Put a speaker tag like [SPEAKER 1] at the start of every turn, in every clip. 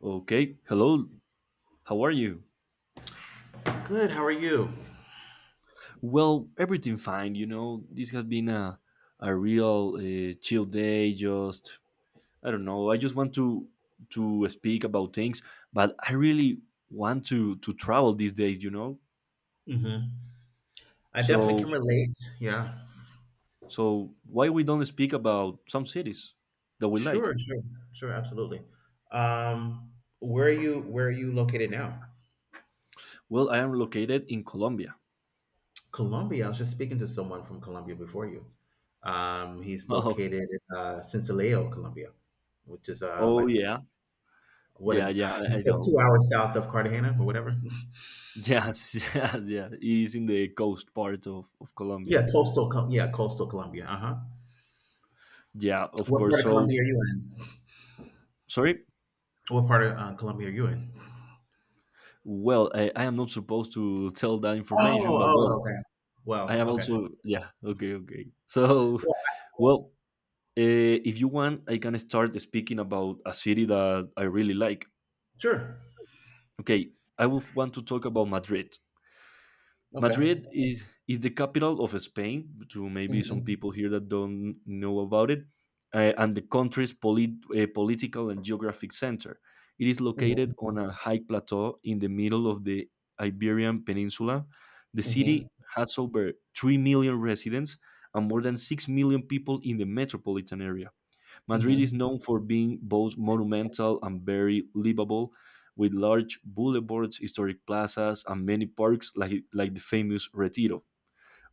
[SPEAKER 1] Okay. Hello. How are you?
[SPEAKER 2] Good. How are you?
[SPEAKER 1] Well, everything fine. You know, this has been a real chill day. Just I don't know. I just want to speak about things, but I really want to travel these days.
[SPEAKER 2] Hmm. I definitely
[SPEAKER 1] So
[SPEAKER 2] can relate. Yeah.
[SPEAKER 1] why we don't speak about some cities that we like?
[SPEAKER 2] Sure. Sure. Sure. Absolutely. Um, where are you? Where are you located now?
[SPEAKER 1] Well, I am located in Colombia.
[SPEAKER 2] Colombia. I was just speaking to someone from Colombia before you. He's
[SPEAKER 1] Oh,
[SPEAKER 2] located in Sincelejo, Colombia, which is
[SPEAKER 1] oh
[SPEAKER 2] like
[SPEAKER 1] yeah,
[SPEAKER 2] what
[SPEAKER 1] yeah,
[SPEAKER 2] an
[SPEAKER 1] yeah.
[SPEAKER 2] he
[SPEAKER 1] I
[SPEAKER 2] said
[SPEAKER 1] know.
[SPEAKER 2] 2 hours south of Cartagena or whatever.
[SPEAKER 1] Yes, yes, yeah. It is in the coast part of Colombia.
[SPEAKER 2] Yeah, coastal. Yeah, coastal Colombia. Uh huh.
[SPEAKER 1] Yeah, of
[SPEAKER 2] What
[SPEAKER 1] course.
[SPEAKER 2] part of
[SPEAKER 1] So,
[SPEAKER 2] Colombia are you in?
[SPEAKER 1] sorry.
[SPEAKER 2] What part of Colombia are you in?
[SPEAKER 1] Well, I am not supposed to tell that
[SPEAKER 2] Oh,
[SPEAKER 1] information, but well,
[SPEAKER 2] oh, okay.
[SPEAKER 1] I
[SPEAKER 2] Well,
[SPEAKER 1] am
[SPEAKER 2] okay.
[SPEAKER 1] also, yeah, okay, okay. So,
[SPEAKER 2] Well,
[SPEAKER 1] well, uh, if you want, I can start speaking about a city that I really like.
[SPEAKER 2] sure.
[SPEAKER 1] Okay, I would want to talk about Madrid.
[SPEAKER 2] Okay.
[SPEAKER 1] Madrid is the capital of Spain. To maybe some
[SPEAKER 2] Mhm.
[SPEAKER 1] people here that don't know about it, and the country's political and geographic center. It is located
[SPEAKER 2] Mhm.
[SPEAKER 1] on a high plateau in the middle of the Iberian Peninsula. The
[SPEAKER 2] Mhm.
[SPEAKER 1] city has over 3 million residents and more than 6 million people in the metropolitan area. Madrid is
[SPEAKER 2] Mhm.
[SPEAKER 1] known for being both monumental and very livable, with large boulevards, historic plazas, and many parks like the famous Retiro.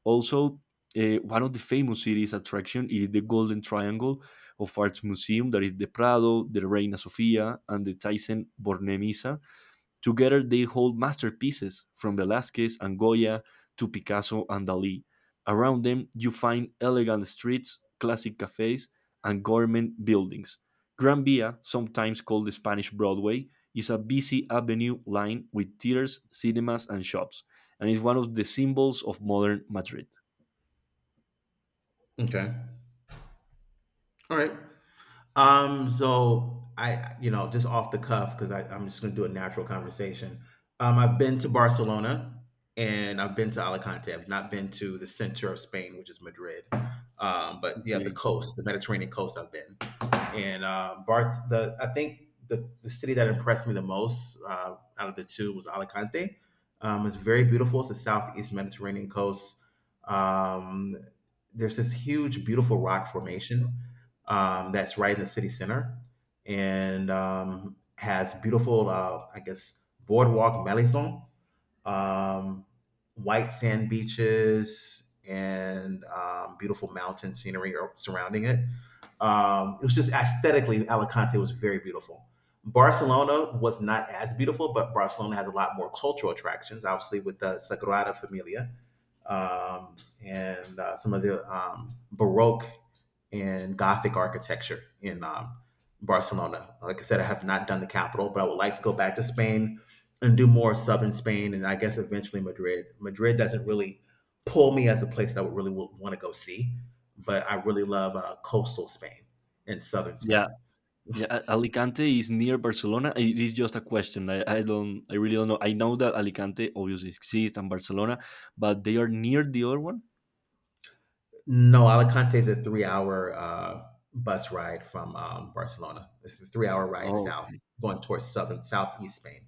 [SPEAKER 1] Also, one of the famous city's attraction is the Golden Triangle of Arts Museum, that is the Prado, the Reina Sofia, and the Thyssen-Bornemisza. Together they hold masterpieces from Velázquez and Goya to Picasso and Dalí. Around them you find elegant streets, classic cafes, and government buildings. Gran Via, sometimes called the Spanish Broadway, is a busy avenue lined with theaters, cinemas, and shops, and is one of the symbols of modern Madrid.
[SPEAKER 2] Okay. All right. So just off the cuff, because I'm just gonna do a natural conversation. I've been to Barcelona and I've been to Alicante. I've not been to the center of Spain, which is Madrid. But yeah, the
[SPEAKER 1] Okay.
[SPEAKER 2] coast, the Mediterranean coast I've been. And Barth. The I think the city that impressed me the most out of the two was Alicante. It's very beautiful. It's the southeast Mediterranean coast. Um, there's this huge, beautiful rock formation that's right in the city center, and has beautiful, I guess, boardwalk melisson um, white sand beaches and beautiful mountain scenery surrounding it. It was just aesthetically, Alicante was very beautiful. Barcelona was not as beautiful, but Barcelona has a lot more cultural attractions, obviously, with the Sagrada Familia um, and some of the Baroque and Gothic architecture in Barcelona. Like I said, I have not done the capital, but I would like to go back to Spain and do more southern Spain, and I guess eventually Madrid. Madrid doesn't really pull me as a place that I would really want to go see, but I really love coastal Spain and southern
[SPEAKER 1] Yeah,
[SPEAKER 2] Spain.
[SPEAKER 1] yeah, Alicante is near Barcelona. It is just a question. I don't. I really don't know. I know that Alicante obviously exists and Barcelona, but they are near the other one.
[SPEAKER 2] No, Alicante is a 3-hour bus ride from Barcelona. It's a 3-hour ride
[SPEAKER 1] Oh,
[SPEAKER 2] south, going towards southern southeast Spain.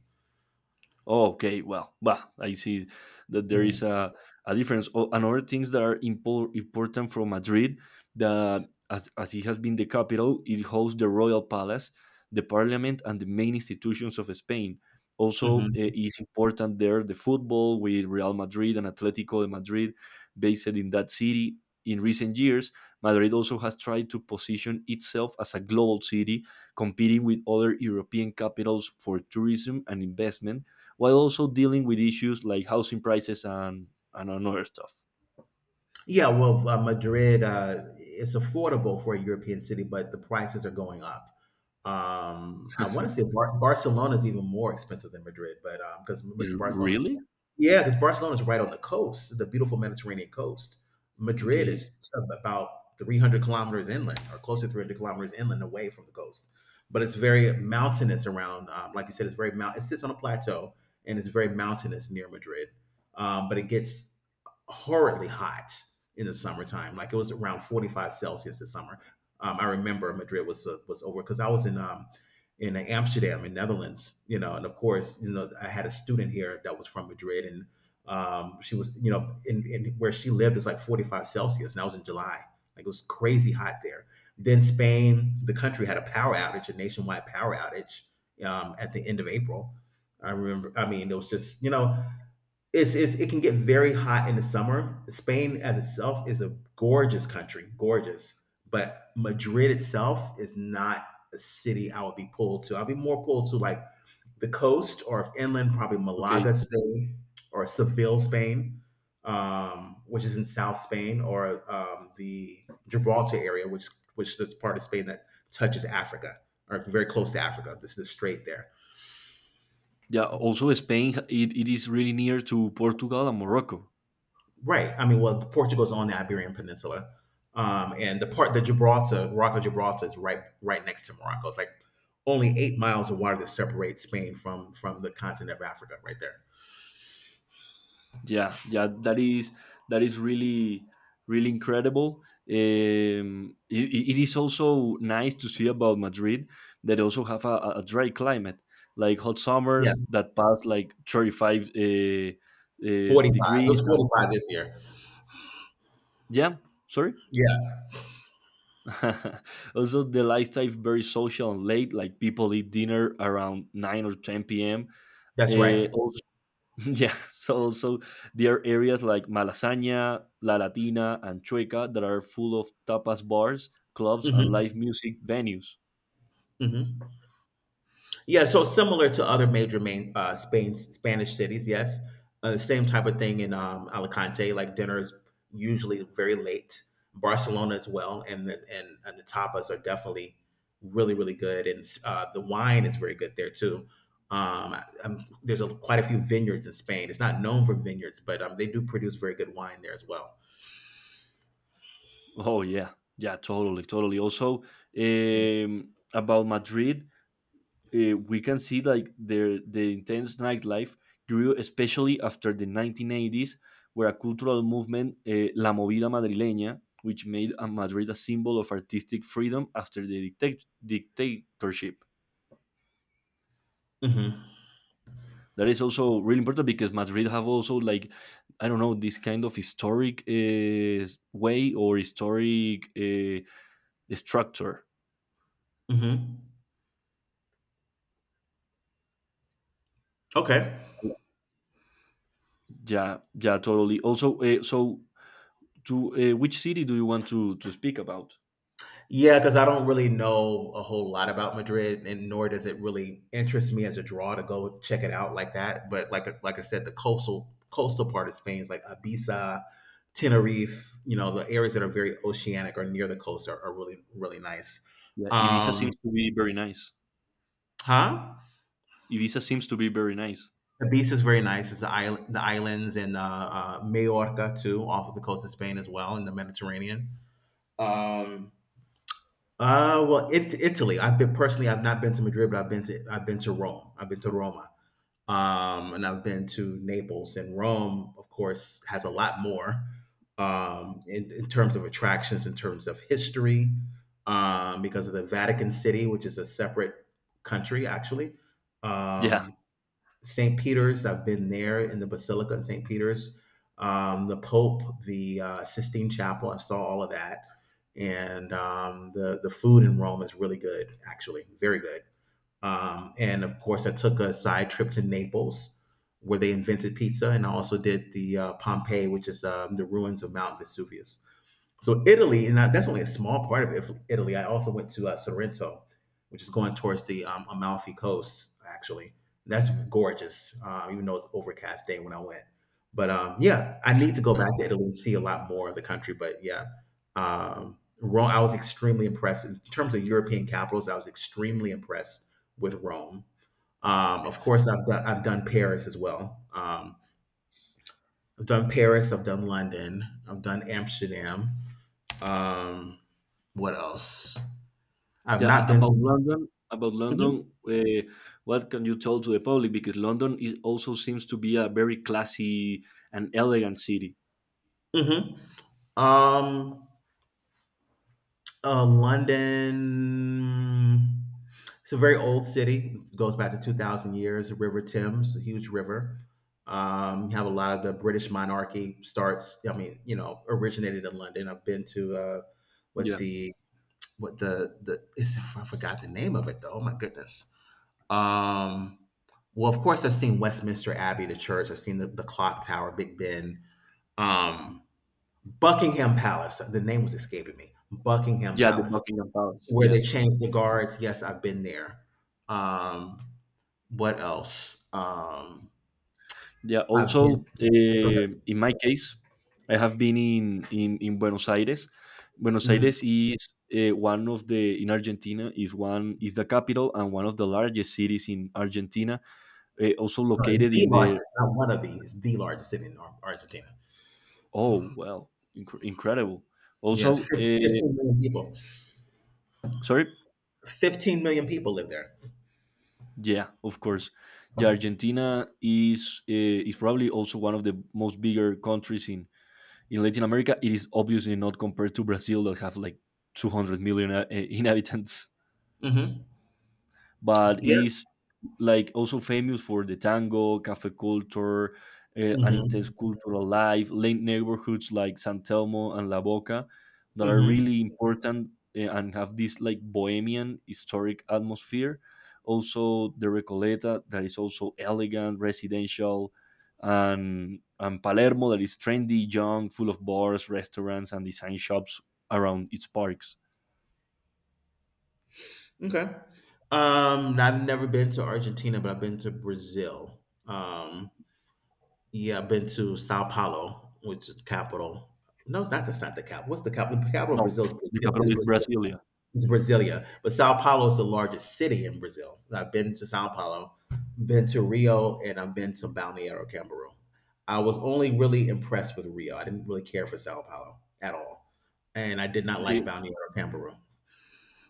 [SPEAKER 1] oh, okay. Well, well, I see that there is
[SPEAKER 2] Mhm.
[SPEAKER 1] a difference. Oh, and other things that are important from Madrid, that as it has been the capital, it hosts the royal palace, the parliament, and the main institutions of Spain. Also,
[SPEAKER 2] Mhm.
[SPEAKER 1] it is important there the football with Real Madrid and Atletico de Madrid, based in that city. In recent years, Madrid also has tried to position itself as a global city, competing with other European capitals for tourism and investment while also dealing with issues like housing prices and other stuff.
[SPEAKER 2] Yeah, well, Madrid is affordable for a European city, but the prices are going up. I want to say Barcelona is even more expensive than Madrid, but because
[SPEAKER 1] Is-
[SPEAKER 2] Barcelona
[SPEAKER 1] Really?
[SPEAKER 2] yeah, because Barcelona is right on the coast, the beautiful Mediterranean coast. Madrid
[SPEAKER 1] Okay.
[SPEAKER 2] is about 300 kilometers inland, or close to 300 kilometers inland away from the coast. But it's very mountainous around, like you said, it's very mount. It sits on a plateau and it's very mountainous near Madrid. But it gets horridly hot in the summertime. Like it was around 45 Celsius this summer. I remember Madrid was was over because I was in Amsterdam in Netherlands, and of course, I had a student here that was from Madrid and she was, in where she lived is like 45 Celsius and I was in July. Like it was crazy hot there. Then Spain, the country had a power outage, a nationwide power outage at the end of April. I remember, I mean, it was just, it can get very hot in the summer. Spain as itself is a gorgeous country, gorgeous. But Madrid itself is not a city I would be pulled to. I'd be more pulled to like the coast or if inland, probably
[SPEAKER 1] Okay.
[SPEAKER 2] Malaga, Spain, or Seville, Spain, which is in South Spain, or the Gibraltar area, which is part of Spain that touches Africa or very close to Africa. This is the strait there.
[SPEAKER 1] Yeah. Also, Spain it, it is really near to Portugal and Morocco.
[SPEAKER 2] Right. I mean, well, Portugal's on the Iberian Peninsula, and the part that Gibraltar, Morocco, Gibraltar is right next to Morocco. It's like only 8 miles of water that separates Spain from the continent of Africa, right there.
[SPEAKER 1] Yeah. Yeah. That is really really incredible. It, it it is also nice to see about Madrid that also have a dry climate, like hot
[SPEAKER 2] Yeah,
[SPEAKER 1] summers that pass like 35
[SPEAKER 2] 45. It
[SPEAKER 1] degrees
[SPEAKER 2] was forty
[SPEAKER 1] and
[SPEAKER 2] five this year.
[SPEAKER 1] yeah. Sorry.
[SPEAKER 2] Yeah,
[SPEAKER 1] Also, the lifestyle very social and late. Like people eat dinner around nine or ten p.m.
[SPEAKER 2] that's right.
[SPEAKER 1] Also, yeah. So also there are areas like Malasaña, La Latina, and Chueca that are full of tapas bars, clubs, and
[SPEAKER 2] Hmm.
[SPEAKER 1] live music venues.
[SPEAKER 2] Hmm. Yeah, so similar to other major main Spain Spanish cities, yes, the same type of thing in Alicante. Like dinner is usually very late. Barcelona as well, and and the tapas are definitely really really good, and the wine is very good there too. There's quite a few vineyards in Spain. It's not known for vineyards, but they do produce very good wine there as well.
[SPEAKER 1] Oh yeah, yeah, totally, totally. Also, about Madrid, we can see like the intense nightlife grew especially after the 1980s, where a cultural movement, La Movida Madrileña, which made a Madrid a symbol of artistic freedom after the dictatorship.
[SPEAKER 2] Mm-hmm.
[SPEAKER 1] That is also really important because Madrid have also like I don't know this kind of historic way or historic structure.
[SPEAKER 2] Hmm. Okay.
[SPEAKER 1] Yeah, yeah, totally. Also, so to which city do you want to speak about?
[SPEAKER 2] Yeah, because I don't really know a whole lot about Madrid, and nor does it really interest me as a draw to go check it out like that. But like I said, the coastal part of Spain is like Ibiza, Tenerife. The areas that are very oceanic or near the coast are really really nice.
[SPEAKER 1] Yeah, Ibiza
[SPEAKER 2] Um,
[SPEAKER 1] seems to be very nice.
[SPEAKER 2] huh?
[SPEAKER 1] Ibiza seems to be very nice.
[SPEAKER 2] Ibiza is very nice. It's the island, the islands, and Majorca too, off of the coast of Spain as well in the Mediterranean. Um, well, it's Italy. I've been personally. I've not been to Madrid, but I've been to Rome. I've been to Roma, and I've been to Naples. And Rome, of course, has a lot more in terms of attractions, in terms of history, because of the Vatican City, which is a separate country actually.
[SPEAKER 1] Yeah,
[SPEAKER 2] Um, St. Peter's. I've been there in the Basilica in St. Peter's. The Pope, the Sistine Chapel. I saw all of that, and the food in Rome is really good, actually, very good. And of course, I took a side trip to Naples, where they invented pizza, and I also did the Pompeii, which is the ruins of Mount Vesuvius. So Italy, that's only a small part of Italy. I also went to Sorrento, which is going towards the Amalfi Coast. Actually, that's gorgeous. Even though it's overcast day when I went, but yeah, I need to go back to Italy and see a lot more of the country. But yeah, Rome. I was extremely impressed in terms of European capitals. I was extremely impressed with Rome. Of course, I've done Paris as well. I've done Paris. I've done London. I've done Amsterdam. Um, what else? I've
[SPEAKER 1] yeah.
[SPEAKER 2] not been to.
[SPEAKER 1] About
[SPEAKER 2] Mhm,
[SPEAKER 1] London, what can you tell to the public? Because London is also seems to be a very classy and elegant city.
[SPEAKER 2] mhm. Um, London. It's a very old city. It goes back to 2,000 years. The River Thames, a huge river. You have a lot of the British monarchy starts. I mean, originated in London. I've been to what
[SPEAKER 1] Yeah.
[SPEAKER 2] the what the it's, I forgot the name of it though. Oh my goodness. Um, well, of course, I've seen Westminster Abbey, the church. I've seen the clock tower, Big Ben. Um, Buckingham Palace. The name was escaping me. Buckingham
[SPEAKER 1] Yeah, the
[SPEAKER 2] Palace,
[SPEAKER 1] Buckingham Palace.
[SPEAKER 2] where
[SPEAKER 1] Yeah,
[SPEAKER 2] they changed the guards. Yes, I've been there. Um, what else?
[SPEAKER 1] yeah.
[SPEAKER 2] I've
[SPEAKER 1] Also,
[SPEAKER 2] been.
[SPEAKER 1] in my case, I have been in in Buenos Aires. Buenos
[SPEAKER 2] Mm,
[SPEAKER 1] Aires is one of the in Argentina is one is the capital and one of the largest cities in Argentina. Also located
[SPEAKER 2] the
[SPEAKER 1] in the
[SPEAKER 2] largest, not one of these, the largest city in Argentina.
[SPEAKER 1] oh well, incredible.
[SPEAKER 2] Yes,
[SPEAKER 1] Also,
[SPEAKER 2] 15 million people.
[SPEAKER 1] sorry,
[SPEAKER 2] 15 million people live there.
[SPEAKER 1] yeah, of course. Yeah, Argentina is probably also one of the most bigger countries in Latin America. It is obviously not compared to Brazil that have like 200 million inhabitants,
[SPEAKER 2] Hmm.
[SPEAKER 1] but it
[SPEAKER 2] Yeah.
[SPEAKER 1] is like also famous for the tango, cafe culture, an intense
[SPEAKER 2] Hmm.
[SPEAKER 1] cultural life, late neighborhoods like San Telmo and La Boca that are
[SPEAKER 2] Hmm.
[SPEAKER 1] really important and have this like bohemian historic atmosphere. Also, the Recoleta that is also elegant, residential, and Palermo that is trendy, young, full of bars, restaurants, and design shops around its parks.
[SPEAKER 2] Okay. I've never been to Argentina, but I've been to Brazil. Yeah, I've been to Sao Paulo, which is capital. No, it's not. That's not the capital. What's the capital? The capital of
[SPEAKER 1] No,
[SPEAKER 2] Brazil is
[SPEAKER 1] the
[SPEAKER 2] Brazil. It's
[SPEAKER 1] capital is
[SPEAKER 2] Brazil.
[SPEAKER 1] Brasilia.
[SPEAKER 2] It's Brasilia, but Sao Paulo is the largest city in Brazil. I've been to Sao Paulo, been to Rio, and I've been to Balneário Camboriú. I was only really impressed with Rio. I didn't really care for Sao Paulo at all, and I did not like
[SPEAKER 1] Okay,
[SPEAKER 2] Balneário Camboriú.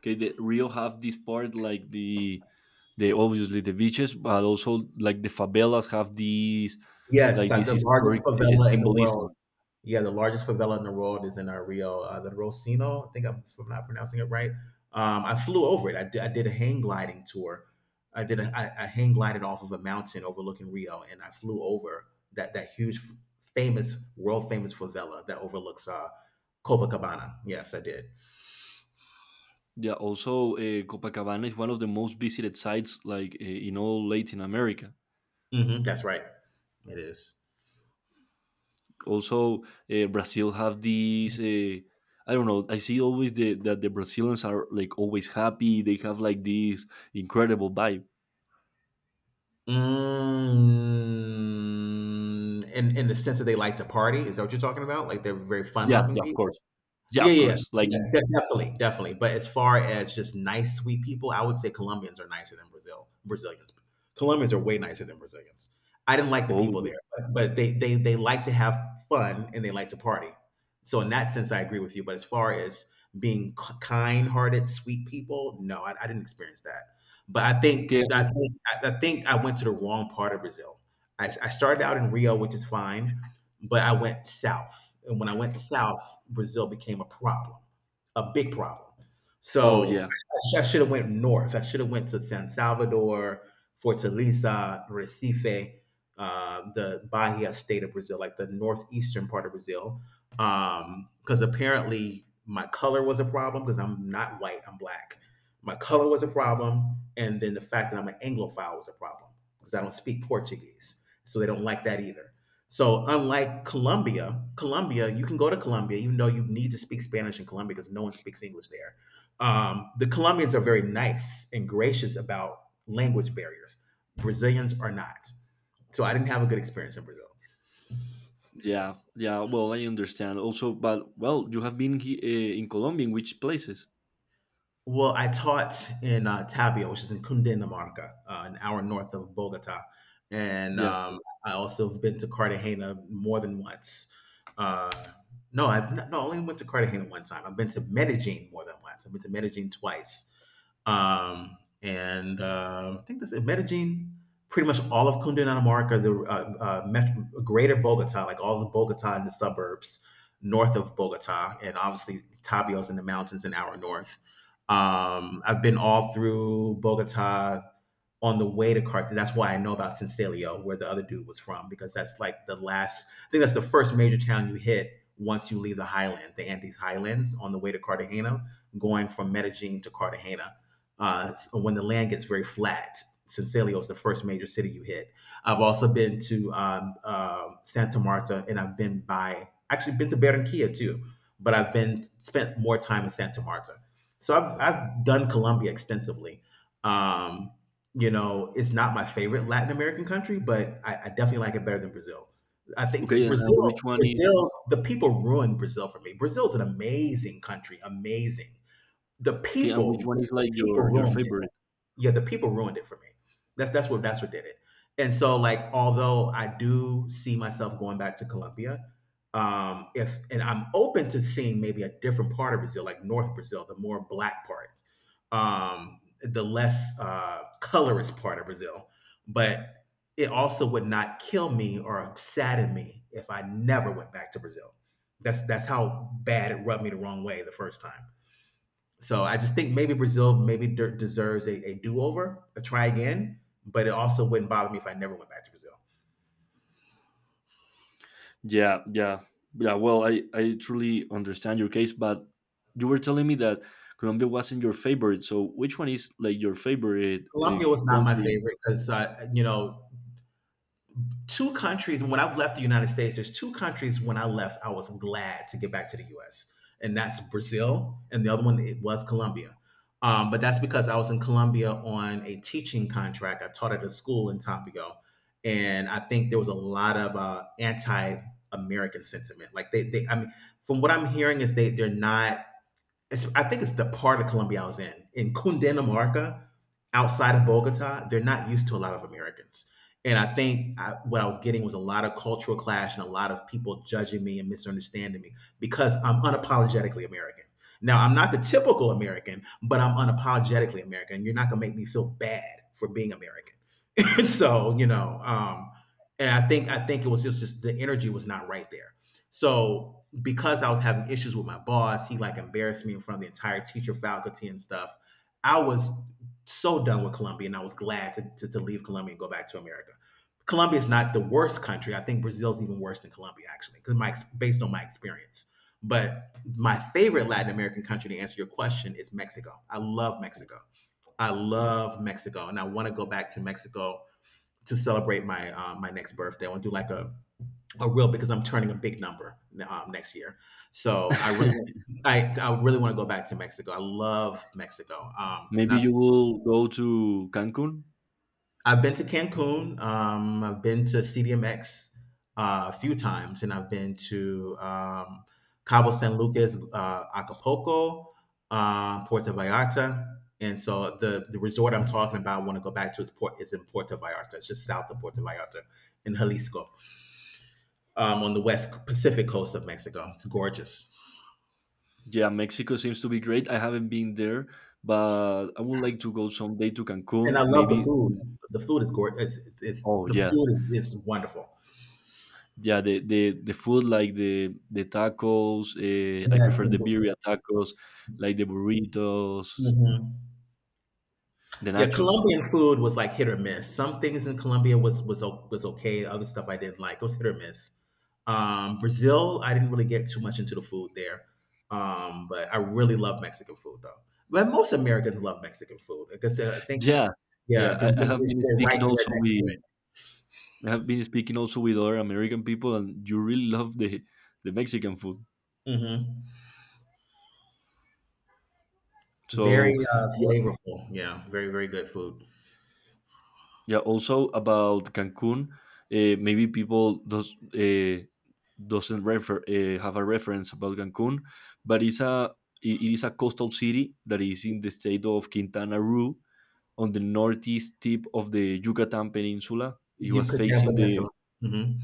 [SPEAKER 1] okay, the Rio have this part like the obviously the beaches, but also like the favelas have these
[SPEAKER 2] Yes,
[SPEAKER 1] like this
[SPEAKER 2] the largest
[SPEAKER 1] historic
[SPEAKER 2] favela in the world.
[SPEAKER 1] symbolism.
[SPEAKER 2] Yeah, the largest favela in the world is in Rio, the Rosino. I think if I'm not pronouncing it right. I flew over it. I did a hang gliding tour. I hang glided off of a mountain overlooking Rio, and I flew over that huge, famous, world famous favela that overlooks Copacabana. Yes, I did.
[SPEAKER 1] Yeah, also Copacabana is one of the most visited sites like in all Latin America.
[SPEAKER 2] Hmm. That's right. It is.
[SPEAKER 1] Also, Brazil have these. I don't know. I see always the, that the Brazilians are like always happy. They have like this incredible vibe.
[SPEAKER 2] Mm, in the sense that they like to party, is that what you're talking about? Like they're very fun
[SPEAKER 1] Yeah,
[SPEAKER 2] loving
[SPEAKER 1] yeah, of
[SPEAKER 2] people.
[SPEAKER 1] course. Yeah,
[SPEAKER 2] Yeah,
[SPEAKER 1] of
[SPEAKER 2] yeah,
[SPEAKER 1] course. Like
[SPEAKER 2] yeah, definitely, definitely. But as far as just nice, sweet people, I would say Colombians are nicer than Brazilians. Colombians are way nicer than Brazilians. I didn't like the people
[SPEAKER 1] oh,
[SPEAKER 2] there, but, they they like to have fun and they like to party. So in that sense, I agree with you. But as far as being kind-hearted, sweet people, no, I didn't experience that. But I
[SPEAKER 1] okay,
[SPEAKER 2] think I went to the wrong part of Brazil. I started out in Rio, which is fine, but I went south. And when I went south, Brazil became a problem, a big problem.
[SPEAKER 1] oh
[SPEAKER 2] So
[SPEAKER 1] yeah.
[SPEAKER 2] I should have went north. I should have went to San Salvador, Fortaleza, Recife, the Bahia state of Brazil, like the northeastern part of Brazil. Because apparently my color was a problem because I'm not white, I'm black. My color was a problem, and then the fact that I'm an Anglophile was a problem because I don't speak Portuguese, so they don't like that either. So unlike Colombia, Colombia, you can go to Colombia even though you need to speak Spanish in Colombia because no one speaks English there. The Colombians are very nice and gracious about language barriers. Brazilians are not. So I didn't have a good experience in Brazil.
[SPEAKER 1] Yeah, yeah. Well, I understand. Also, but well, you have been he, in Colombia. In which places?
[SPEAKER 2] Well, I taught in Tavia, which is in Cundinamarca, an hour north of Bogota, and
[SPEAKER 1] Yeah.
[SPEAKER 2] I also have been to Cartagena more than once. Uh, no, I've not, no, I only went to Cartagena one time. I've been to Medellin more than once. I've been to Medellin twice, and I think that's it. Medellin, pretty much all of Cundinamarca, Dinamarca, the greater Bogota, like all the Bogota and the suburbs north of Bogota, and obviously Tabios in the mountains an hour north. I've been all through Bogota, on the way to Carthage. That's why I know about Sincilio, where the other dude was from, because that's like the last. I think that's the first major town you hit once you leave the highland, the Andes highlands, on the way to Cartagena, going from Medellin to Cartagena. So when the land gets very flat, Sincilio is the first major city you hit. I've also been to Santa Marta, and I've been by actually been to Barranquilla too, but I've been spent more time in Santa Marta. So I've done Colombia extensively. Um, you know, it's not my favorite Latin American country, but I definitely like it better than Brazil. I think that
[SPEAKER 1] Okay, and
[SPEAKER 2] Brazil,
[SPEAKER 1] which one is?
[SPEAKER 2] Brazil, the people ruined Brazil for me. Brazil is an amazing country, amazing.
[SPEAKER 1] Okay, and which one is
[SPEAKER 2] The
[SPEAKER 1] like your
[SPEAKER 2] people ruined it,
[SPEAKER 1] favorite?
[SPEAKER 2] yeah, the people ruined it for me. That's what did it. And so like although I do see myself going back to Colombia, if and I'm open to seeing maybe a different part of Brazil, like North Brazil, the more black part, the less colorist part of Brazil. But it also would not kill me or sadden me if I never went back to Brazil. That's how bad it rubbed me the wrong way the first time. So I just think maybe Brazil maybe deserves a do over, a try again. But it also wouldn't bother me if I never went back to Brazil.
[SPEAKER 1] Yeah, yeah, yeah. Well, I truly understand your case, but you were telling me that Colombia wasn't your favorite. So, which one is like your favorite
[SPEAKER 2] Colombia was not my
[SPEAKER 1] country?
[SPEAKER 2] favorite because you know, two countries when I've left the United States, there's two countries when I left, I was glad to get back to the US. And that's Brazil, and the other one it was Colombia. But that's because I was in Colombia on a teaching contract. I taught at a school in Tampico, and I think there was a lot of anti-American sentiment. Like they, I mean, from what I'm hearing is they're not it's, I think it's the part of Colombia I was in. In Cundinamarca, outside of Bogota, they're not used to a lot of Americans. And what I was getting was a lot of cultural clash and a lot of people judging me and misunderstanding me because I'm unapologetically American. Now, I'm not the typical American, but I'm unapologetically American. You're not going to make me feel bad for being American. So and I think it was just the energy was not right there. So because I was having issues with my boss, he like embarrassed me in front of the entire teacher faculty and stuff. I was so done with Colombia, and I was glad to, leave Colombia and go back to America. Colombia is not the worst country. I think Brazil is even worse than Colombia, actually, because based on my experience. But my favorite Latin American country, to answer your question, is Mexico. I love Mexico. I love Mexico, and I want to go back to Mexico to celebrate my my next birthday. I want to do like a real because I'm turning a big number next year. So I really want to go back to Mexico. I love Mexico. And
[SPEAKER 1] Maybe you will go to Cancun.
[SPEAKER 2] I've been to Cancun. I've been to CDMX a few times, and I've been to Cabo San Lucas, Acapulco, Puerto Vallarta. And so the resort I'm talking about, I want to go back to is port is in Puerto Vallarta. It's just south of Puerto Vallarta in Jalisco, on the west Pacific coast of Mexico. It's gorgeous,
[SPEAKER 1] Yeah, Mexico seems to be great. I haven't been there, but I would like to go someday to
[SPEAKER 2] and I
[SPEAKER 1] Cancun.
[SPEAKER 2] love the
[SPEAKER 1] Maybe.
[SPEAKER 2] food. The food is gorgeous. It's
[SPEAKER 1] Oh
[SPEAKER 2] the
[SPEAKER 1] yeah,
[SPEAKER 2] food is wonderful.
[SPEAKER 1] yeah the food like the tacos I
[SPEAKER 2] Yes.
[SPEAKER 1] prefer the birria tacos like the burritos,
[SPEAKER 2] Mm-hmm.
[SPEAKER 1] the
[SPEAKER 2] Yeah,
[SPEAKER 1] nachos.
[SPEAKER 2] Colombian food was like hit or miss. Some things in Colombia was okay. Other stuff I didn't like. It was hit or miss. Brazil, I didn't really get too much into the food there, but I really love Mexican food though. But most Americans love Mexican food because I guess, I think
[SPEAKER 1] Yeah, yeah,
[SPEAKER 2] yeah, 'cause
[SPEAKER 1] I have been
[SPEAKER 2] we're right
[SPEAKER 1] speaking
[SPEAKER 2] there
[SPEAKER 1] also
[SPEAKER 2] next to
[SPEAKER 1] with
[SPEAKER 2] it.
[SPEAKER 1] other American people, and you really love the Mexican food.
[SPEAKER 2] Hmm. Very
[SPEAKER 1] So
[SPEAKER 2] flavorful. Yeah, very very good food.
[SPEAKER 1] yeah, also about Cancun, maybe people does doesn't refer have a reference about Cancun, but it's a it it is a coastal city that is in the state of Quintana Roo on the northeast tip of the Yucatan Peninsula. It
[SPEAKER 2] You
[SPEAKER 1] was
[SPEAKER 2] could tell
[SPEAKER 1] facing
[SPEAKER 2] potential. Hmm.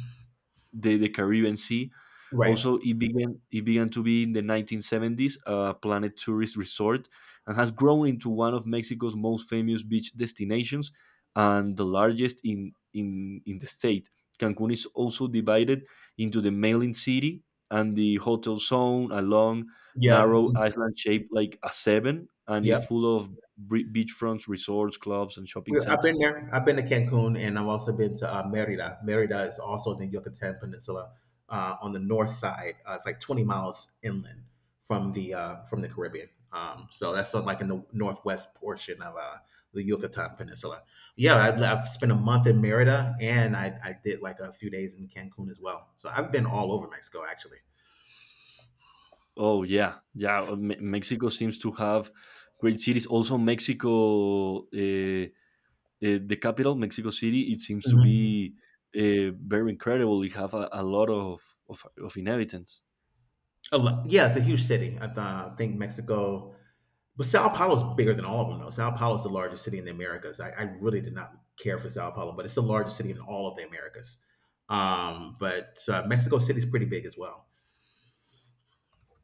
[SPEAKER 1] the Caribbean Sea.
[SPEAKER 2] Right.
[SPEAKER 1] Also, it began to be in the 1970s a planet tourist resort and has grown into one of Mexico's most famous beach destinations and the largest in in the state. Cancun is also divided into the mailing city and the hotel zone, a long,
[SPEAKER 2] Yeah.
[SPEAKER 1] narrow island shaped like a seven, and is
[SPEAKER 2] Yep.
[SPEAKER 1] full of beachfronts, resorts, clubs, and shopping
[SPEAKER 2] I've been
[SPEAKER 1] centers.
[SPEAKER 2] there. I've been to Cancun, and I've also been to Merida. Merida is also in the Yucatan Peninsula on the north side. It's like 20 miles inland from the Caribbean. So that's sort of like in the northwest portion of the Yucatan Peninsula. Yeah, I've spent a month in Merida, and I did like a few days in Cancun as well. So I've been all over Mexico actually.
[SPEAKER 1] Oh yeah, yeah. Mexico seems to have great cities. Also, Mexico, the capital, Mexico City, it seems to
[SPEAKER 2] Mhm.
[SPEAKER 1] be very incredible. It have a lot of inhabitants.
[SPEAKER 2] Yeah, it's a huge city. I think Mexico, but Sao Paulo's bigger than all of them, though. Sao Paulo's the largest city in the Americas. I really did not care for Sao Paulo, but it's the largest city in all of the Americas. But Mexico City's pretty big as well.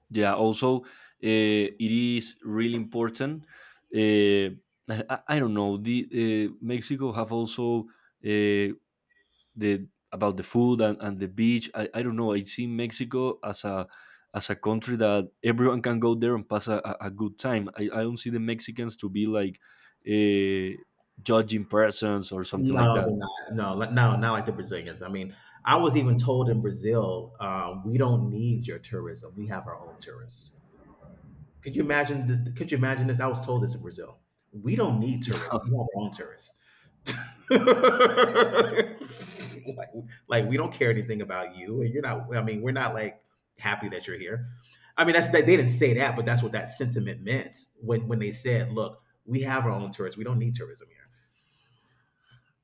[SPEAKER 1] Yeah. Also, it is really important. Uh, I don't know. The Mexico have also uh, the about the food and the beach. I don't know. I see Mexico as a country that everyone can go there and pass a good time. I don't see the Mexicans to be like uh, judging persons or something like
[SPEAKER 2] No,
[SPEAKER 1] that.
[SPEAKER 2] they're not. No, not like the Brazilians. I mean, I was even told in Brazil, we don't need your tourism. We have our own tourists. Could you imagine? Could you imagine this? I was told this in Brazil. We don't need tourism. We want our own tourists. like, like we don't care anything about you, and you're not. I mean, we're not like happy that you're here. I mean, that's that they didn't say that, but that's what that sentiment meant when they said, "Look, we have our own tourists. We don't need tourism here."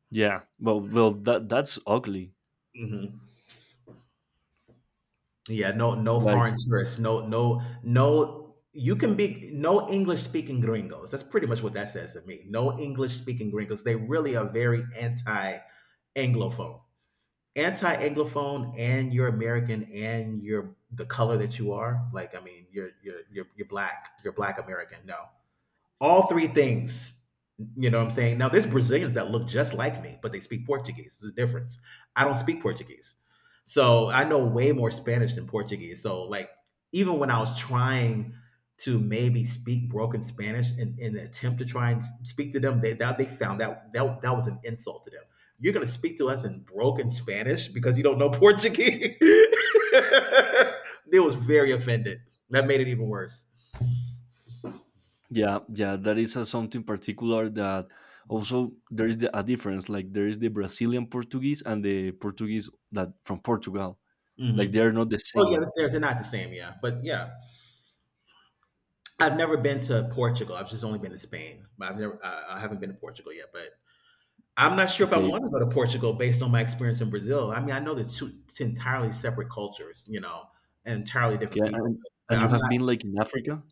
[SPEAKER 1] Yeah. Well, well, that that's ugly.
[SPEAKER 2] Hmm. Yeah, no, no
[SPEAKER 1] Like,
[SPEAKER 2] foreign tourists, no, no, no. You can be no English speaking gringos. That's pretty much what that says to me. No English speaking gringos. They really are very anglophone, anti anglophone, and you're American, and you're the color that you are. Like, I mean, you're black. You're black American. No, all three things. You know what I'm saying? Now, there's Brazilians that look just like me, but they speak Portuguese. There's a difference. I don't speak Portuguese. So I know way more Spanish than Portuguese. So, like, even when I was trying to maybe speak broken Spanish in an attempt to try and speak to them, they found that that was an insult to them. You're going to speak to us in broken Spanish because you don't know Portuguese. They was very offended. That made it even worse.
[SPEAKER 1] yeah, yeah, that is a something particular that also there is the, a difference. Like, there is the Brazilian Portuguese and the Portuguese that from Portugal.
[SPEAKER 2] Mm-hmm.
[SPEAKER 1] Like, they are not the
[SPEAKER 2] Oh yeah,
[SPEAKER 1] same.
[SPEAKER 2] they're not the same. Yeah, but yeah, I've never been to Portugal. I've just only been to Spain, but I've never, I haven't been to Portugal yet. But I'm not sure if I
[SPEAKER 1] Okay.
[SPEAKER 2] want to go to Portugal based on my experience in Brazil. I mean, I know the two, two entirely separate cultures, you know, and entirely different
[SPEAKER 1] Okay,
[SPEAKER 2] people.
[SPEAKER 1] and,
[SPEAKER 2] But
[SPEAKER 1] and you
[SPEAKER 2] I'm
[SPEAKER 1] have
[SPEAKER 2] not.
[SPEAKER 1] been like in Africa?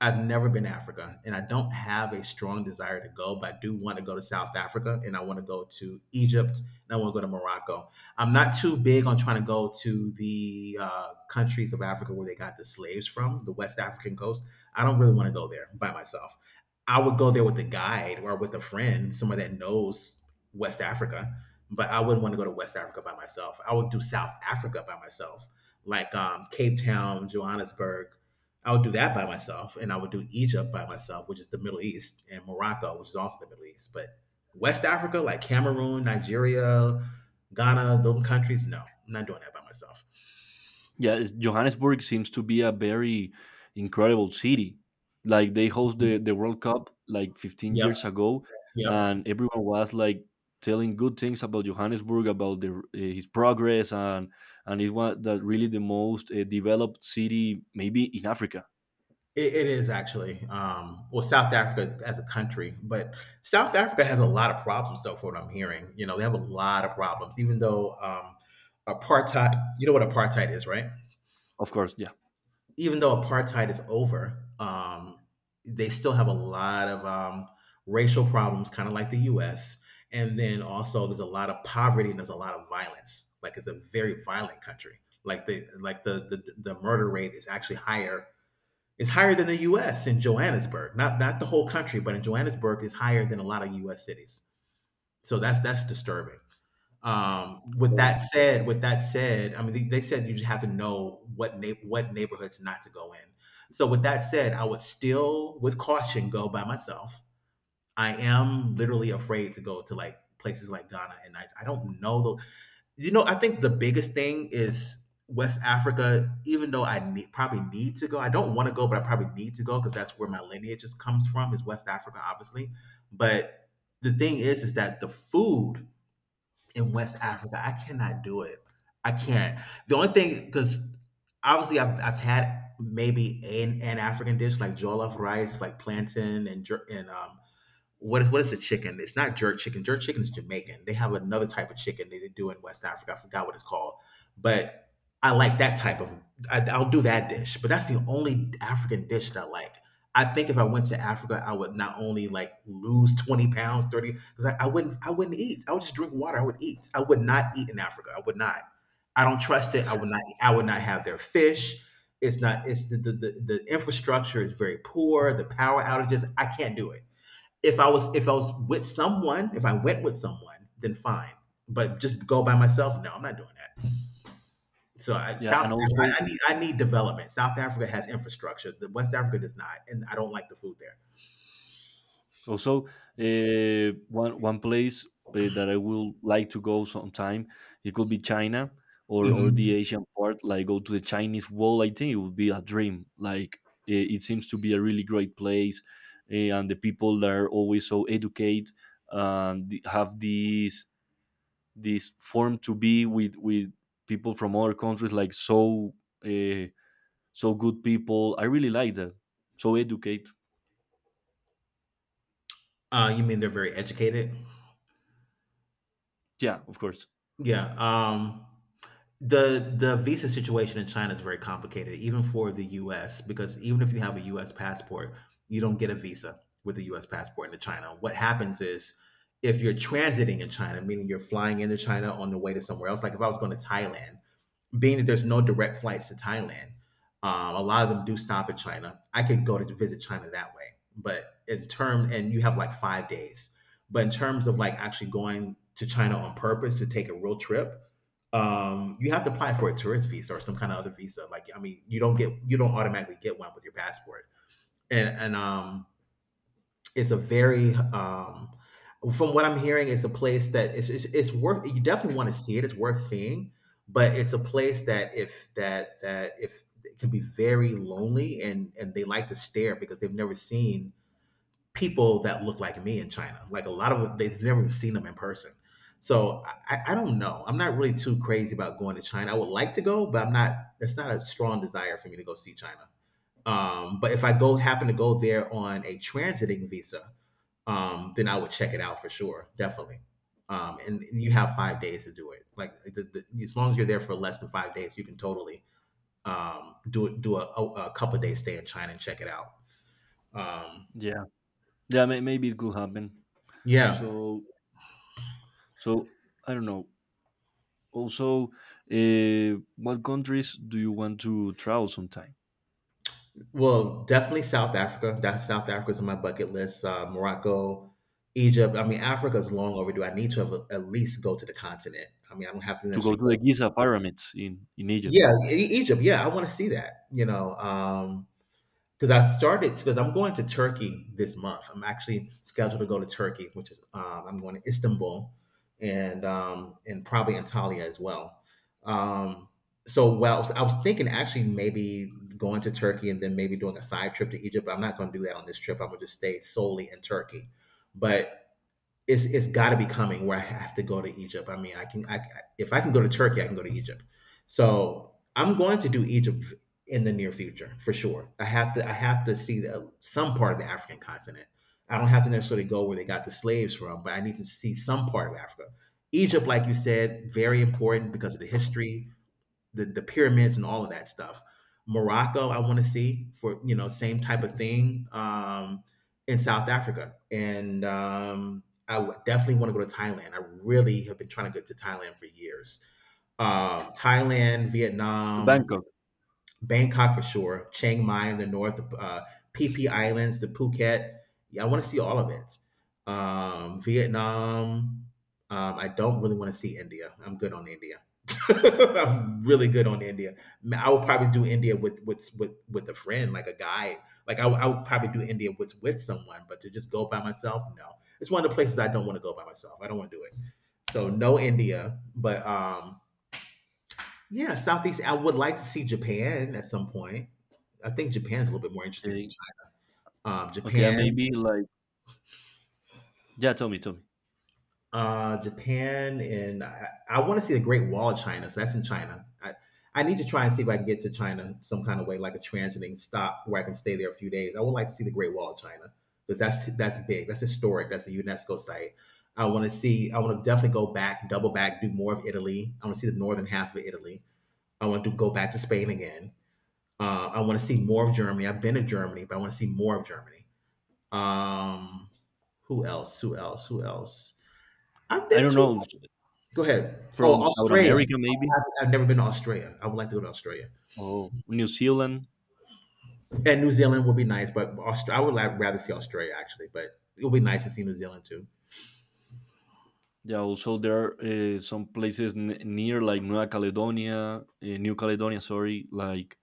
[SPEAKER 2] I've never been to Africa and I don't have a strong desire to go, but I do want to go to South Africa and I want to go to Egypt and I want to go to Morocco. I'm not too big on trying to go to the countries of Africa where they got the slaves from, the West African coast. I don't really want to go there by myself. I would go there with a guide or with a friend, someone that knows West Africa, but I wouldn't want to go to West Africa by myself. I would do South Africa by myself, like Cape Town, Johannesburg. I would do that by myself, and I would do Egypt by myself, which is the Middle East, and Morocco, which is also the Middle East. But West Africa, like Cameroon, Nigeria, Ghana, those countries, no, I'm not doing that by myself.
[SPEAKER 1] Yeah, it's- Johannesburg seems to be a very incredible city. Like they host the World Cup like 15
[SPEAKER 2] Yep,
[SPEAKER 1] years ago,
[SPEAKER 2] yep.
[SPEAKER 1] and everyone was like telling good things about Johannesburg, about the, his progress, and it was that really the most developed city maybe in Africa,
[SPEAKER 2] It is actually. Well, South Africa as a country, but South Africa has a lot of problems, though, for what I'm hearing. You know, they have a lot of problems, even though apartheid, you know what apartheid is, right?
[SPEAKER 1] of course. Yeah,
[SPEAKER 2] Even though apartheid is over, they still have a lot of racial problems, kind of like the U.S. And then also, there's a lot of poverty and there's a lot of violence. Like it's a very violent country. The murder rate is actually higher. It's higher than the U.S. in Johannesburg, not the whole country, but in Johannesburg is higher than a lot of U.S. cities. So that's disturbing. Um, with
[SPEAKER 1] so,
[SPEAKER 2] that said, with that said, I mean they said you just have to know what what neighborhoods not to go in. So with that said, I would still, with caution, go by myself. I am literally afraid to go to like places like Ghana, and I don't know I think the biggest thing is West Africa. Even though probably need to go, I don't want to go, but I probably need to go because that's where my lineage just comes from. Is West Africa, obviously, but the thing is that the food in West Africa. I cannot do it. I can't. The only thing, because obviously I've had maybe an African dish like jollof rice, like plantain and what is a chicken? It's not jerk chicken. Jerk chicken is Jamaican. They have another type of chicken that they do in West Africa. I forgot what it's called, but I like that type of. I'll do that dish, but that's the only African dish that I like. I think if I went to Africa, I would not only like lose 20 pounds, 30, because I wouldn't eat. I would just drink water. I would eat. I would not eat in Africa. I would not. I don't trust it. I would not. I would not have their fish. It's not. It's the infrastructure is very poor. The power outages. I can't do it if I was with someone, if I went with someone, then fine. But just go by myself? No, I'm not doing that. So
[SPEAKER 1] yeah, and
[SPEAKER 2] I,
[SPEAKER 1] also
[SPEAKER 2] I need development. South Africa has infrastructure. The West Africa does not, and I don't like the food there.
[SPEAKER 1] also, one one place that I will like to go sometime, it could be China or the
[SPEAKER 2] Hmm.
[SPEAKER 1] Asian part. Like go to the Chinese Wall. I think it would be a dream. Like it seems to be a really great place, and the people that are always so educate and have these this form to be with people from other countries. Like so uh, so good people. I really like that. So educate.
[SPEAKER 2] You mean they're very educated?
[SPEAKER 1] Yeah, of course.
[SPEAKER 2] Yeah. The visa situation in China is very complicated, even for the U.S. Because even if you have a U.S. passport, you don't get a visa with a U.S. passport into China. What happens is if you're transiting in China, meaning you're flying into China on the way to somewhere else, like if I was going to Thailand, being that there's no direct flights to Thailand, a lot of them do stop in China. I could go to visit China that way, but in term and you have like 5 days. But in terms of like actually going to China on purpose to take a real trip, you have to apply for a tourist visa or some kind of other visa. Like I mean, you don't automatically get one with your passport. And is a very from what I'm hearing, it's a place that it's worth. You definitely want to see it. It's worth seeing, but it's a place that if that that if it can be very lonely, and they like to stare because they've never seen people that look like me in China. Like a lot of they've never seen them in person. So I don't know. I'm not really too crazy about going to China. I would like to go, but I'm not. It's not a strong desire for me to go see China. But if I go happen to go there on a transiting visa, then I would check it out for sure, definitely. And you have 5 days to do it. Like as long as you're there for less than 5 days, you can totally do a, couple of days stay in China and check it out. Um,
[SPEAKER 1] Yeah. Yeah, maybe it could happen.
[SPEAKER 2] yeah,
[SPEAKER 1] So, so I don't know. Also, what countries do you want to travel sometime?
[SPEAKER 2] well, definitely South Africa. That South Africa's on my bucket list. Morocco, Egypt. I mean, Africa's long overdue. I need to have at least go to the continent. I mean, I don't have to
[SPEAKER 1] To go
[SPEAKER 2] necessarily
[SPEAKER 1] to the
[SPEAKER 2] go.
[SPEAKER 1] Giza pyramids in Egypt,
[SPEAKER 2] Yeah, Egypt. Yeah, I want to see that. You know, because I started because I'm going to Turkey this month. I'm actually scheduled to go to Turkey, which is I'm going to Istanbul and probably Antalya as well. Um, so well, I was thinking actually maybe going to Turkey and then maybe doing a side trip to Egypt. But I'm not going to do that on this trip. I'm going to just stay solely in Turkey. But it's got to be coming where I have to go to Egypt. I mean, I can I if I can go to Turkey, I can go to Egypt. So I'm going to do Egypt in the near future for sure. I have to see some part of the African continent. I don't have to necessarily go where they got the slaves from, but I need to see some part of Africa. Egypt, like you said, very important because of the history, the pyramids and all of that stuff. Morocco, I want to see for you know same type of thing in South Africa, and I would definitely want to go to Thailand. I really have been trying to get to Thailand for years. Thailand,
[SPEAKER 1] to
[SPEAKER 2] Vietnam,
[SPEAKER 1] Bangkok.
[SPEAKER 2] Bangkok for sure, Chiang Mai in the north, PP Islands, the Phuket. Yeah, I want to see all of it. Vietnam. I don't really want to see India. I'm good on India. I'm really good on India. I would probably do India with with a friend, like a guide. I would probably do India with someone, but to just go by myself, no. It's one of the places I don't want to go by myself. I don't want to do it. So no India, but yeah, Southeast. I would like to see Japan at some point. I think Japan is a little bit more interesting than
[SPEAKER 1] Okay,
[SPEAKER 2] China.
[SPEAKER 1] okay, and
[SPEAKER 2] Japan,
[SPEAKER 1] maybe like yeah. Tell me, tell me.
[SPEAKER 2] and I want to see the Great Wall of China. So that's in China. I need to try and see if I can get to China some kind of way, like a transiting stop where I can stay there a few days. I would like to see the Great Wall of China because that's big. That's historic. That's a UNESCO site. I want to see. I want to definitely go back, double back, do more of Italy. I want to see the northern half of Italy. I want to go back to Spain again. I want to see more of Germany. I've been to Germany, but I want to see more of Germany. Um, Who else? I've
[SPEAKER 1] I
[SPEAKER 2] been
[SPEAKER 1] don't
[SPEAKER 2] to.
[SPEAKER 1] know
[SPEAKER 2] Go ahead. Oh,
[SPEAKER 1] from South
[SPEAKER 2] Australia.
[SPEAKER 1] America maybe
[SPEAKER 2] I've never been to Australia. I would like to go to Australia.
[SPEAKER 1] or New Zealand.
[SPEAKER 2] And New Zealand would be nice, but I would like, rather see Australia actually. But it would be nice to see New Zealand too.
[SPEAKER 1] Yeah, also there are some places near like Nueva Caledonia, New Caledonia, sorry, like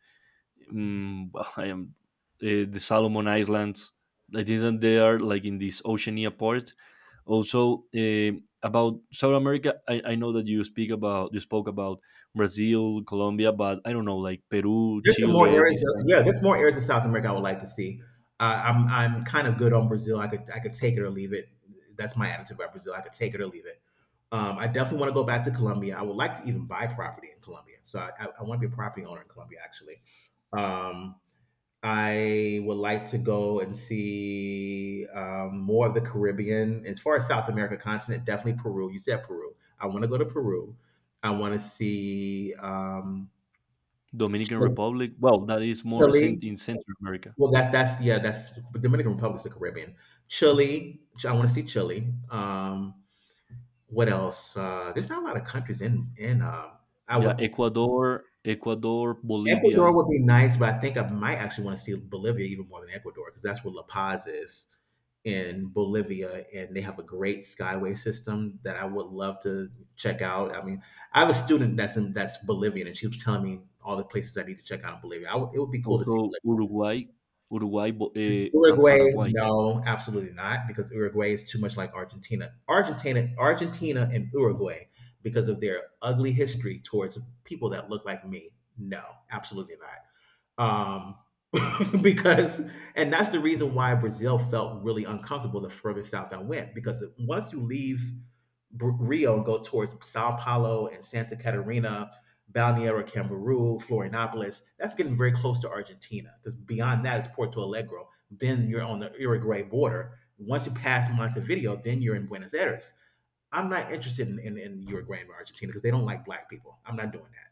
[SPEAKER 1] mm, well, I am the Solomon Islands. I think that they are like in this Oceania part. Also about South America, I know that you speak about you spoke about Brazil, Colombia, but I don't know like Peru,
[SPEAKER 2] There's some more
[SPEAKER 1] Chile, this
[SPEAKER 2] areas.
[SPEAKER 1] kind
[SPEAKER 2] Yeah,
[SPEAKER 1] of
[SPEAKER 2] there's
[SPEAKER 1] thing.
[SPEAKER 2] more areas of South America I would like to see. I'm kind of good on Brazil. I could take it or leave it. That's my attitude about Brazil. I could take it or leave it. I definitely want to go back to Colombia. I would like to even buy property in Colombia. So I want to be a property owner in Colombia. Actually, um, I would like to go and see more of the Caribbean. As far as South America continent, definitely Peru. You said Peru. I want to go to Peru. I want to see
[SPEAKER 1] Dominican Republic. Well, that is more
[SPEAKER 2] Chile.
[SPEAKER 1] in Central America.
[SPEAKER 2] Well, that that's yeah, that's Dominican Republic is the Caribbean. Chile, I want to see Chile. What else? There's not a lot of countries in. I
[SPEAKER 1] Yeah,
[SPEAKER 2] would
[SPEAKER 1] Ecuador, Ecuador,
[SPEAKER 2] Ecuador
[SPEAKER 1] Bolivia,
[SPEAKER 2] would be nice, but I think I might actually want to see Bolivia even more than Ecuador because that's where La Paz is in Bolivia, and they have a great skyway system that I would love to check out. I mean, I have a student that's Bolivian, and she was telling me all the places I need to check out in Bolivia. I would It would be cool to see
[SPEAKER 1] also
[SPEAKER 2] Bolivia.
[SPEAKER 1] Uruguay, Uruguay, and
[SPEAKER 2] Uruguay,
[SPEAKER 1] Paraguay,
[SPEAKER 2] no, absolutely not, because Uruguay is too much like Argentina. Argentina, and Uruguay, because of their ugly history towards people that look like me. No, absolutely not. Um, because, and that's the reason why Brazil felt really uncomfortable the further south I went, because once you leave Rio and go towards Sao Paulo and Santa Catarina, Balneário Camboriú, Florianopolis. That's getting very close to Argentina because beyond that is Porto Alegre. Then you're on the Uruguay border. Once you pass Montevideo, then you're in Buenos Aires. I'm not interested in Uruguay and Argentina because they don't like black people. I'm not doing that.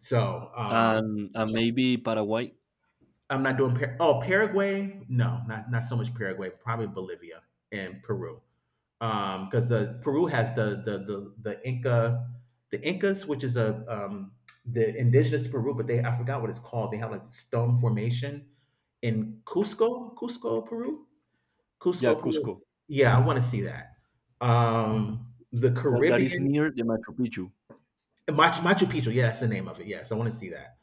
[SPEAKER 2] So
[SPEAKER 1] and maybe Paraguay.
[SPEAKER 2] I'm not doing oh, Paraguay. No, not so much Paraguay. Probably Bolivia and Peru. Because the Peru has the Incas, which is a the indigenous to Peru, but they I forgot what it's called. They have like the stone formation in cusco
[SPEAKER 1] Yeah,
[SPEAKER 2] Peru,
[SPEAKER 1] Cusco.
[SPEAKER 2] yeah, I want to see that. The
[SPEAKER 1] That, that is
[SPEAKER 2] caribbean
[SPEAKER 1] near the Machu Picchu,
[SPEAKER 2] Machu Picchu, yeah, that's the name of it. Yes, I want to see that.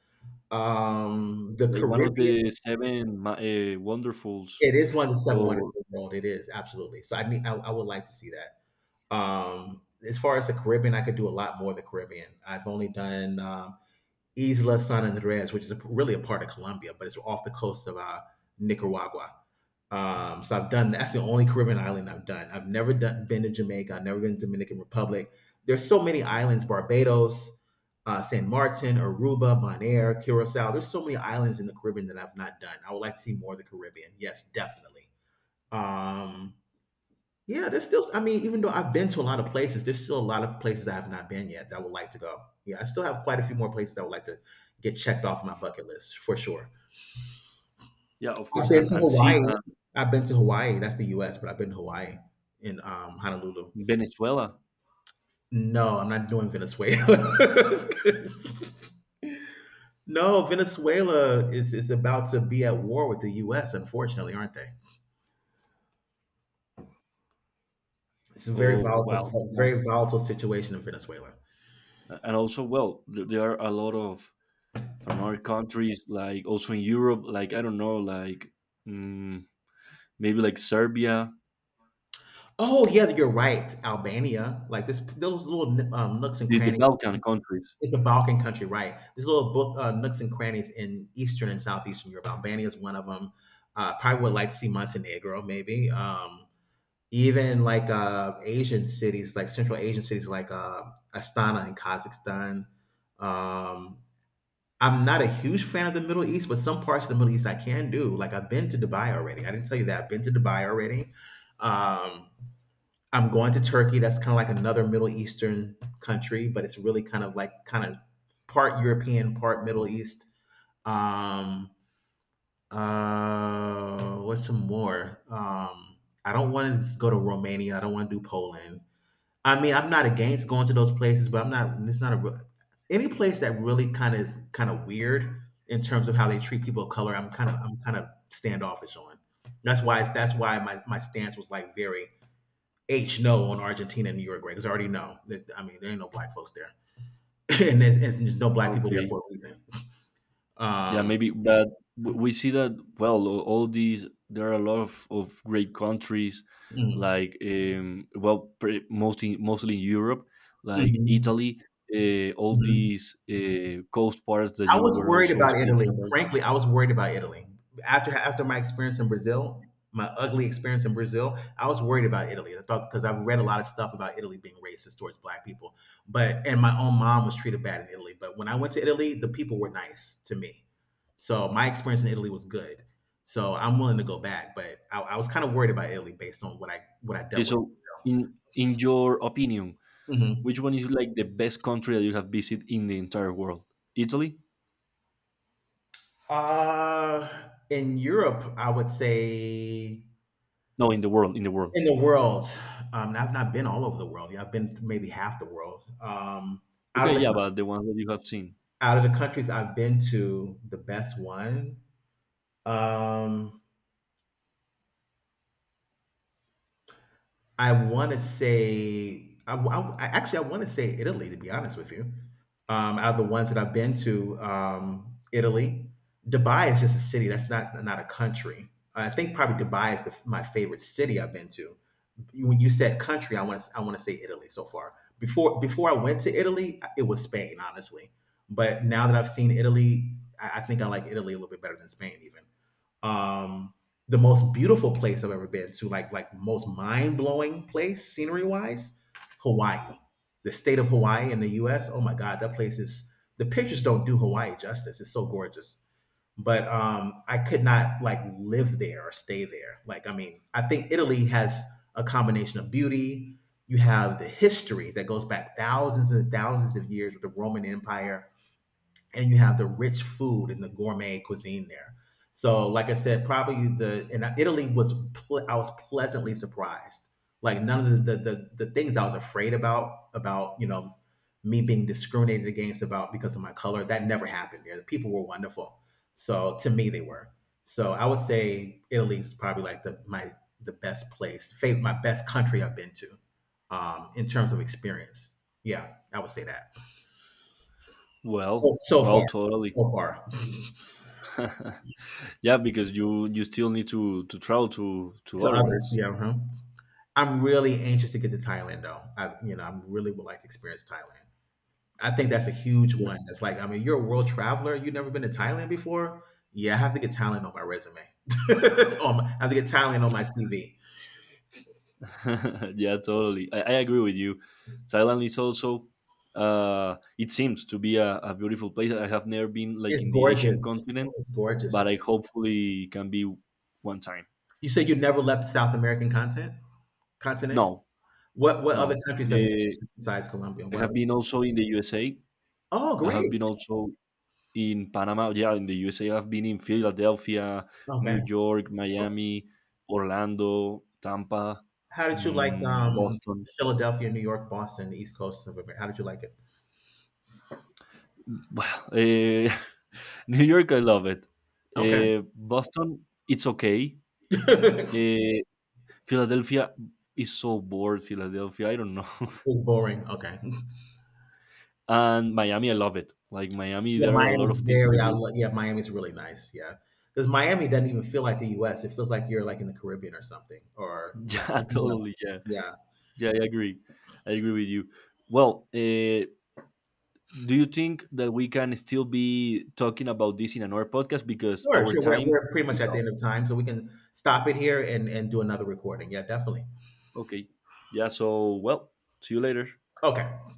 [SPEAKER 2] Um, the
[SPEAKER 1] like one of
[SPEAKER 2] Caribbean,
[SPEAKER 1] the seven wonderfuls.
[SPEAKER 2] it is one of the seven wonders
[SPEAKER 1] Or
[SPEAKER 2] of the world. It is absolutely, so I mean, I would like to see that. Um, as far as the Caribbean, I could do a lot more of the Caribbean. I've only done Isla San Andres, which is really a part of Colombia, but it's off the coast of Nicaragua. So I've done that's the only Caribbean island I've done. I've never been to Jamaica. I've never been to Dominican Republic. There's so many islands: Barbados, San Martin, Aruba, Bonaire, Curacao. There's so many islands in the Caribbean that I've not done. I would like to see more of the Caribbean. Yes, definitely. Um, yeah, there's still, I mean, even though I've been to a lot of places, there's still a lot of places I have not been yet that I would like to go. Yeah, I still have quite a few more places I would like to get checked off my bucket list for sure.
[SPEAKER 1] yeah, of
[SPEAKER 2] I've
[SPEAKER 1] course,
[SPEAKER 2] been to
[SPEAKER 1] and see
[SPEAKER 2] Hawaii. I've been to Hawaii. That's the US, but I've been to Hawaii in Honolulu.
[SPEAKER 1] Venezuela.
[SPEAKER 2] No, I'm not doing Venezuela. No, Venezuela is about to be at war with the US, unfortunately, aren't they? It's a
[SPEAKER 1] Oh well, yeah.
[SPEAKER 2] very volatile situation in Venezuela.
[SPEAKER 1] And also well, there are a lot of from other countries, like also in Europe, like I don't know, like mm, maybe like Serbia,
[SPEAKER 2] Oh yeah, you're right. Albania, like this, those little nooks and
[SPEAKER 1] these the
[SPEAKER 2] crannies.
[SPEAKER 1] Balkan countries.
[SPEAKER 2] It's a Balkan country, right? There's little book nooks and crannies in Eastern and Southeastern Europe. Albania is one of them. Probably would like to see Montenegro, maybe. Even like Asian cities, like Central Asian cities, like Astana in Kazakhstan. Um, I'm not a huge fan of the Middle East, but some parts of the Middle East I can do. Like I've been to Dubai already. I didn't tell you that. I've been to Dubai already. Um, I'm going to Turkey. That's kind of like another Middle Eastern country, but it's really kind of part European, part Middle East. Um, what's some more? I don't want to go to Romania. I don't want to do Poland. I mean, I'm not against going to those places, but I'm not. It's not a any place that really kind of is kind of weird in terms of how they treat people of color. I'm kind of standoffish on. That's why that's why my stance was like very H no on Argentina and Uruguay because I already know that, I mean, there ain't no black folks there, and there's no black people there
[SPEAKER 1] Okay,
[SPEAKER 2] for a reason.
[SPEAKER 1] yeah,
[SPEAKER 2] Um,
[SPEAKER 1] maybe that we see that well. All these there are a lot of great countries,
[SPEAKER 2] mm,
[SPEAKER 1] like well, mostly in Europe, like
[SPEAKER 2] mhm,
[SPEAKER 1] Italy. All
[SPEAKER 2] mhm.
[SPEAKER 1] these coast parts that
[SPEAKER 2] I
[SPEAKER 1] you
[SPEAKER 2] was
[SPEAKER 1] were
[SPEAKER 2] worried
[SPEAKER 1] also
[SPEAKER 2] about
[SPEAKER 1] speaking
[SPEAKER 2] Italy.
[SPEAKER 1] about.
[SPEAKER 2] Frankly, I was worried about Italy after my experience in Brazil, my ugly experience in Brazil. I was worried about Italy. I thought, because I've read a lot of stuff about Italy being racist towards black people, but and my own mom was treated bad in Italy. But when I went to Italy, the people were nice to me, so my experience in Italy was good. So I'm willing to go back, but I was kind of worried about Italy based on what I
[SPEAKER 1] Okay,
[SPEAKER 2] dealt with.
[SPEAKER 1] so in your opinion, which
[SPEAKER 2] Mhm.
[SPEAKER 1] one is like the best country that you have visited in the entire world? Italy?
[SPEAKER 2] Uh, in Europe, I would say.
[SPEAKER 1] No, in the world, in the world.
[SPEAKER 2] In the world, I've not been all over the world. Yeah, I've been to maybe half the world. Out
[SPEAKER 1] Okay,
[SPEAKER 2] of the
[SPEAKER 1] yeah, but the ones that you have seen.
[SPEAKER 2] out of the countries I've been to, the best one, um, I want to say, actually, I want to say Italy. To be honest with you, out of the ones that I've been to, Italy, Dubai is just a city. That's not a country. I think probably Dubai is my favorite city I've been to. When you said country, I want to say Italy so far. Before I went to Italy, it was Spain, honestly. But now that I've seen Italy, I think I like Italy a little bit better than Spain even. Um, the most beautiful place I've ever been to, like most mind blowing place scenery wise, Hawaii. The state of Hawaii in the U.S. Oh my God, that place is, the pictures don't do Hawaii justice. It's so gorgeous, but I could not like live there or stay there. Like I mean, I think Italy has a combination of beauty. You have the history that goes back thousands and thousands of years with the Roman Empire, and you have the rich food and the gourmet cuisine there. So, like I said, probably the and Italy was I was pleasantly surprised. Like none of the things I was afraid about you know, me being discriminated against about because of my color, that never happened there. The people were wonderful. So to me, they were. So I would say Italy's probably like the my the best place, my best country I've been to, in terms of experience. Yeah, I would say that.
[SPEAKER 1] Well,
[SPEAKER 2] So, so
[SPEAKER 1] well,
[SPEAKER 2] far,
[SPEAKER 1] totally.
[SPEAKER 2] so far.
[SPEAKER 1] Yeah, because you still need to travel to
[SPEAKER 2] To
[SPEAKER 1] other
[SPEAKER 2] others.
[SPEAKER 1] ones.
[SPEAKER 2] Yeah, uh-huh. I'm really anxious to get to Thailand though. I, you know, I really would like to experience Thailand. I think that's a huge
[SPEAKER 1] Yeah,
[SPEAKER 2] one. That's like, I mean, you're a world traveler. You've never been to Thailand before. Yeah, I have to get Thailand on my resume. I have to get Thailand on my CV.
[SPEAKER 1] yeah, totally. I agree with you. Thailand is also it seems to be a beautiful place. I have never been like
[SPEAKER 2] It's
[SPEAKER 1] in the Asian
[SPEAKER 2] gorgeous.
[SPEAKER 1] continent,
[SPEAKER 2] It's gorgeous.
[SPEAKER 1] but I hopefully can be one time.
[SPEAKER 2] You said you never left the South American continent. Continent.
[SPEAKER 1] No,
[SPEAKER 2] What other
[SPEAKER 1] no.
[SPEAKER 2] countries have you been to besides Colombia?
[SPEAKER 1] I
[SPEAKER 2] What
[SPEAKER 1] have
[SPEAKER 2] other?
[SPEAKER 1] been also in the USA.
[SPEAKER 2] Oh,
[SPEAKER 1] I have
[SPEAKER 2] great.
[SPEAKER 1] been also in Panama, yeah, in the USA, I've been in Philadelphia, New
[SPEAKER 2] Okay.
[SPEAKER 1] York, Miami, Orlando, Tampa,
[SPEAKER 2] How did you like
[SPEAKER 1] mm, Boston.
[SPEAKER 2] Philadelphia, New York, Boston, the East Coast of America? How did you like it?
[SPEAKER 1] Well, eh, New York, I love it.
[SPEAKER 2] Okay.
[SPEAKER 1] Eh, Boston, it's okay.
[SPEAKER 2] It
[SPEAKER 1] Eh, Philadelphia is so bored. Philadelphia, I don't know.
[SPEAKER 2] was boring. Okay.
[SPEAKER 1] and Miami, I love it. Like Miami,
[SPEAKER 2] Yeah,
[SPEAKER 1] there are a lot
[SPEAKER 2] Miami's
[SPEAKER 1] of things to
[SPEAKER 2] very. I
[SPEAKER 1] do.
[SPEAKER 2] love. Yeah, Miami's really nice. Yeah, because Miami doesn't even feel like the U.S. It feels like you're like in the Caribbean or something, or
[SPEAKER 1] Yeah,
[SPEAKER 2] Latin. You.
[SPEAKER 1] totally. Yeah,
[SPEAKER 2] Yeah,
[SPEAKER 1] yeah, I agree. I agree with you. Well, do you think that we can still be talking about this in another podcast because
[SPEAKER 2] sure,
[SPEAKER 1] our
[SPEAKER 2] sure.
[SPEAKER 1] time
[SPEAKER 2] We're pretty much
[SPEAKER 1] is
[SPEAKER 2] at the
[SPEAKER 1] up?
[SPEAKER 2] end of time, so we can stop it here and do another recording. Yeah, definitely.
[SPEAKER 1] Okay, yeah, so well, see you later.
[SPEAKER 2] Okay.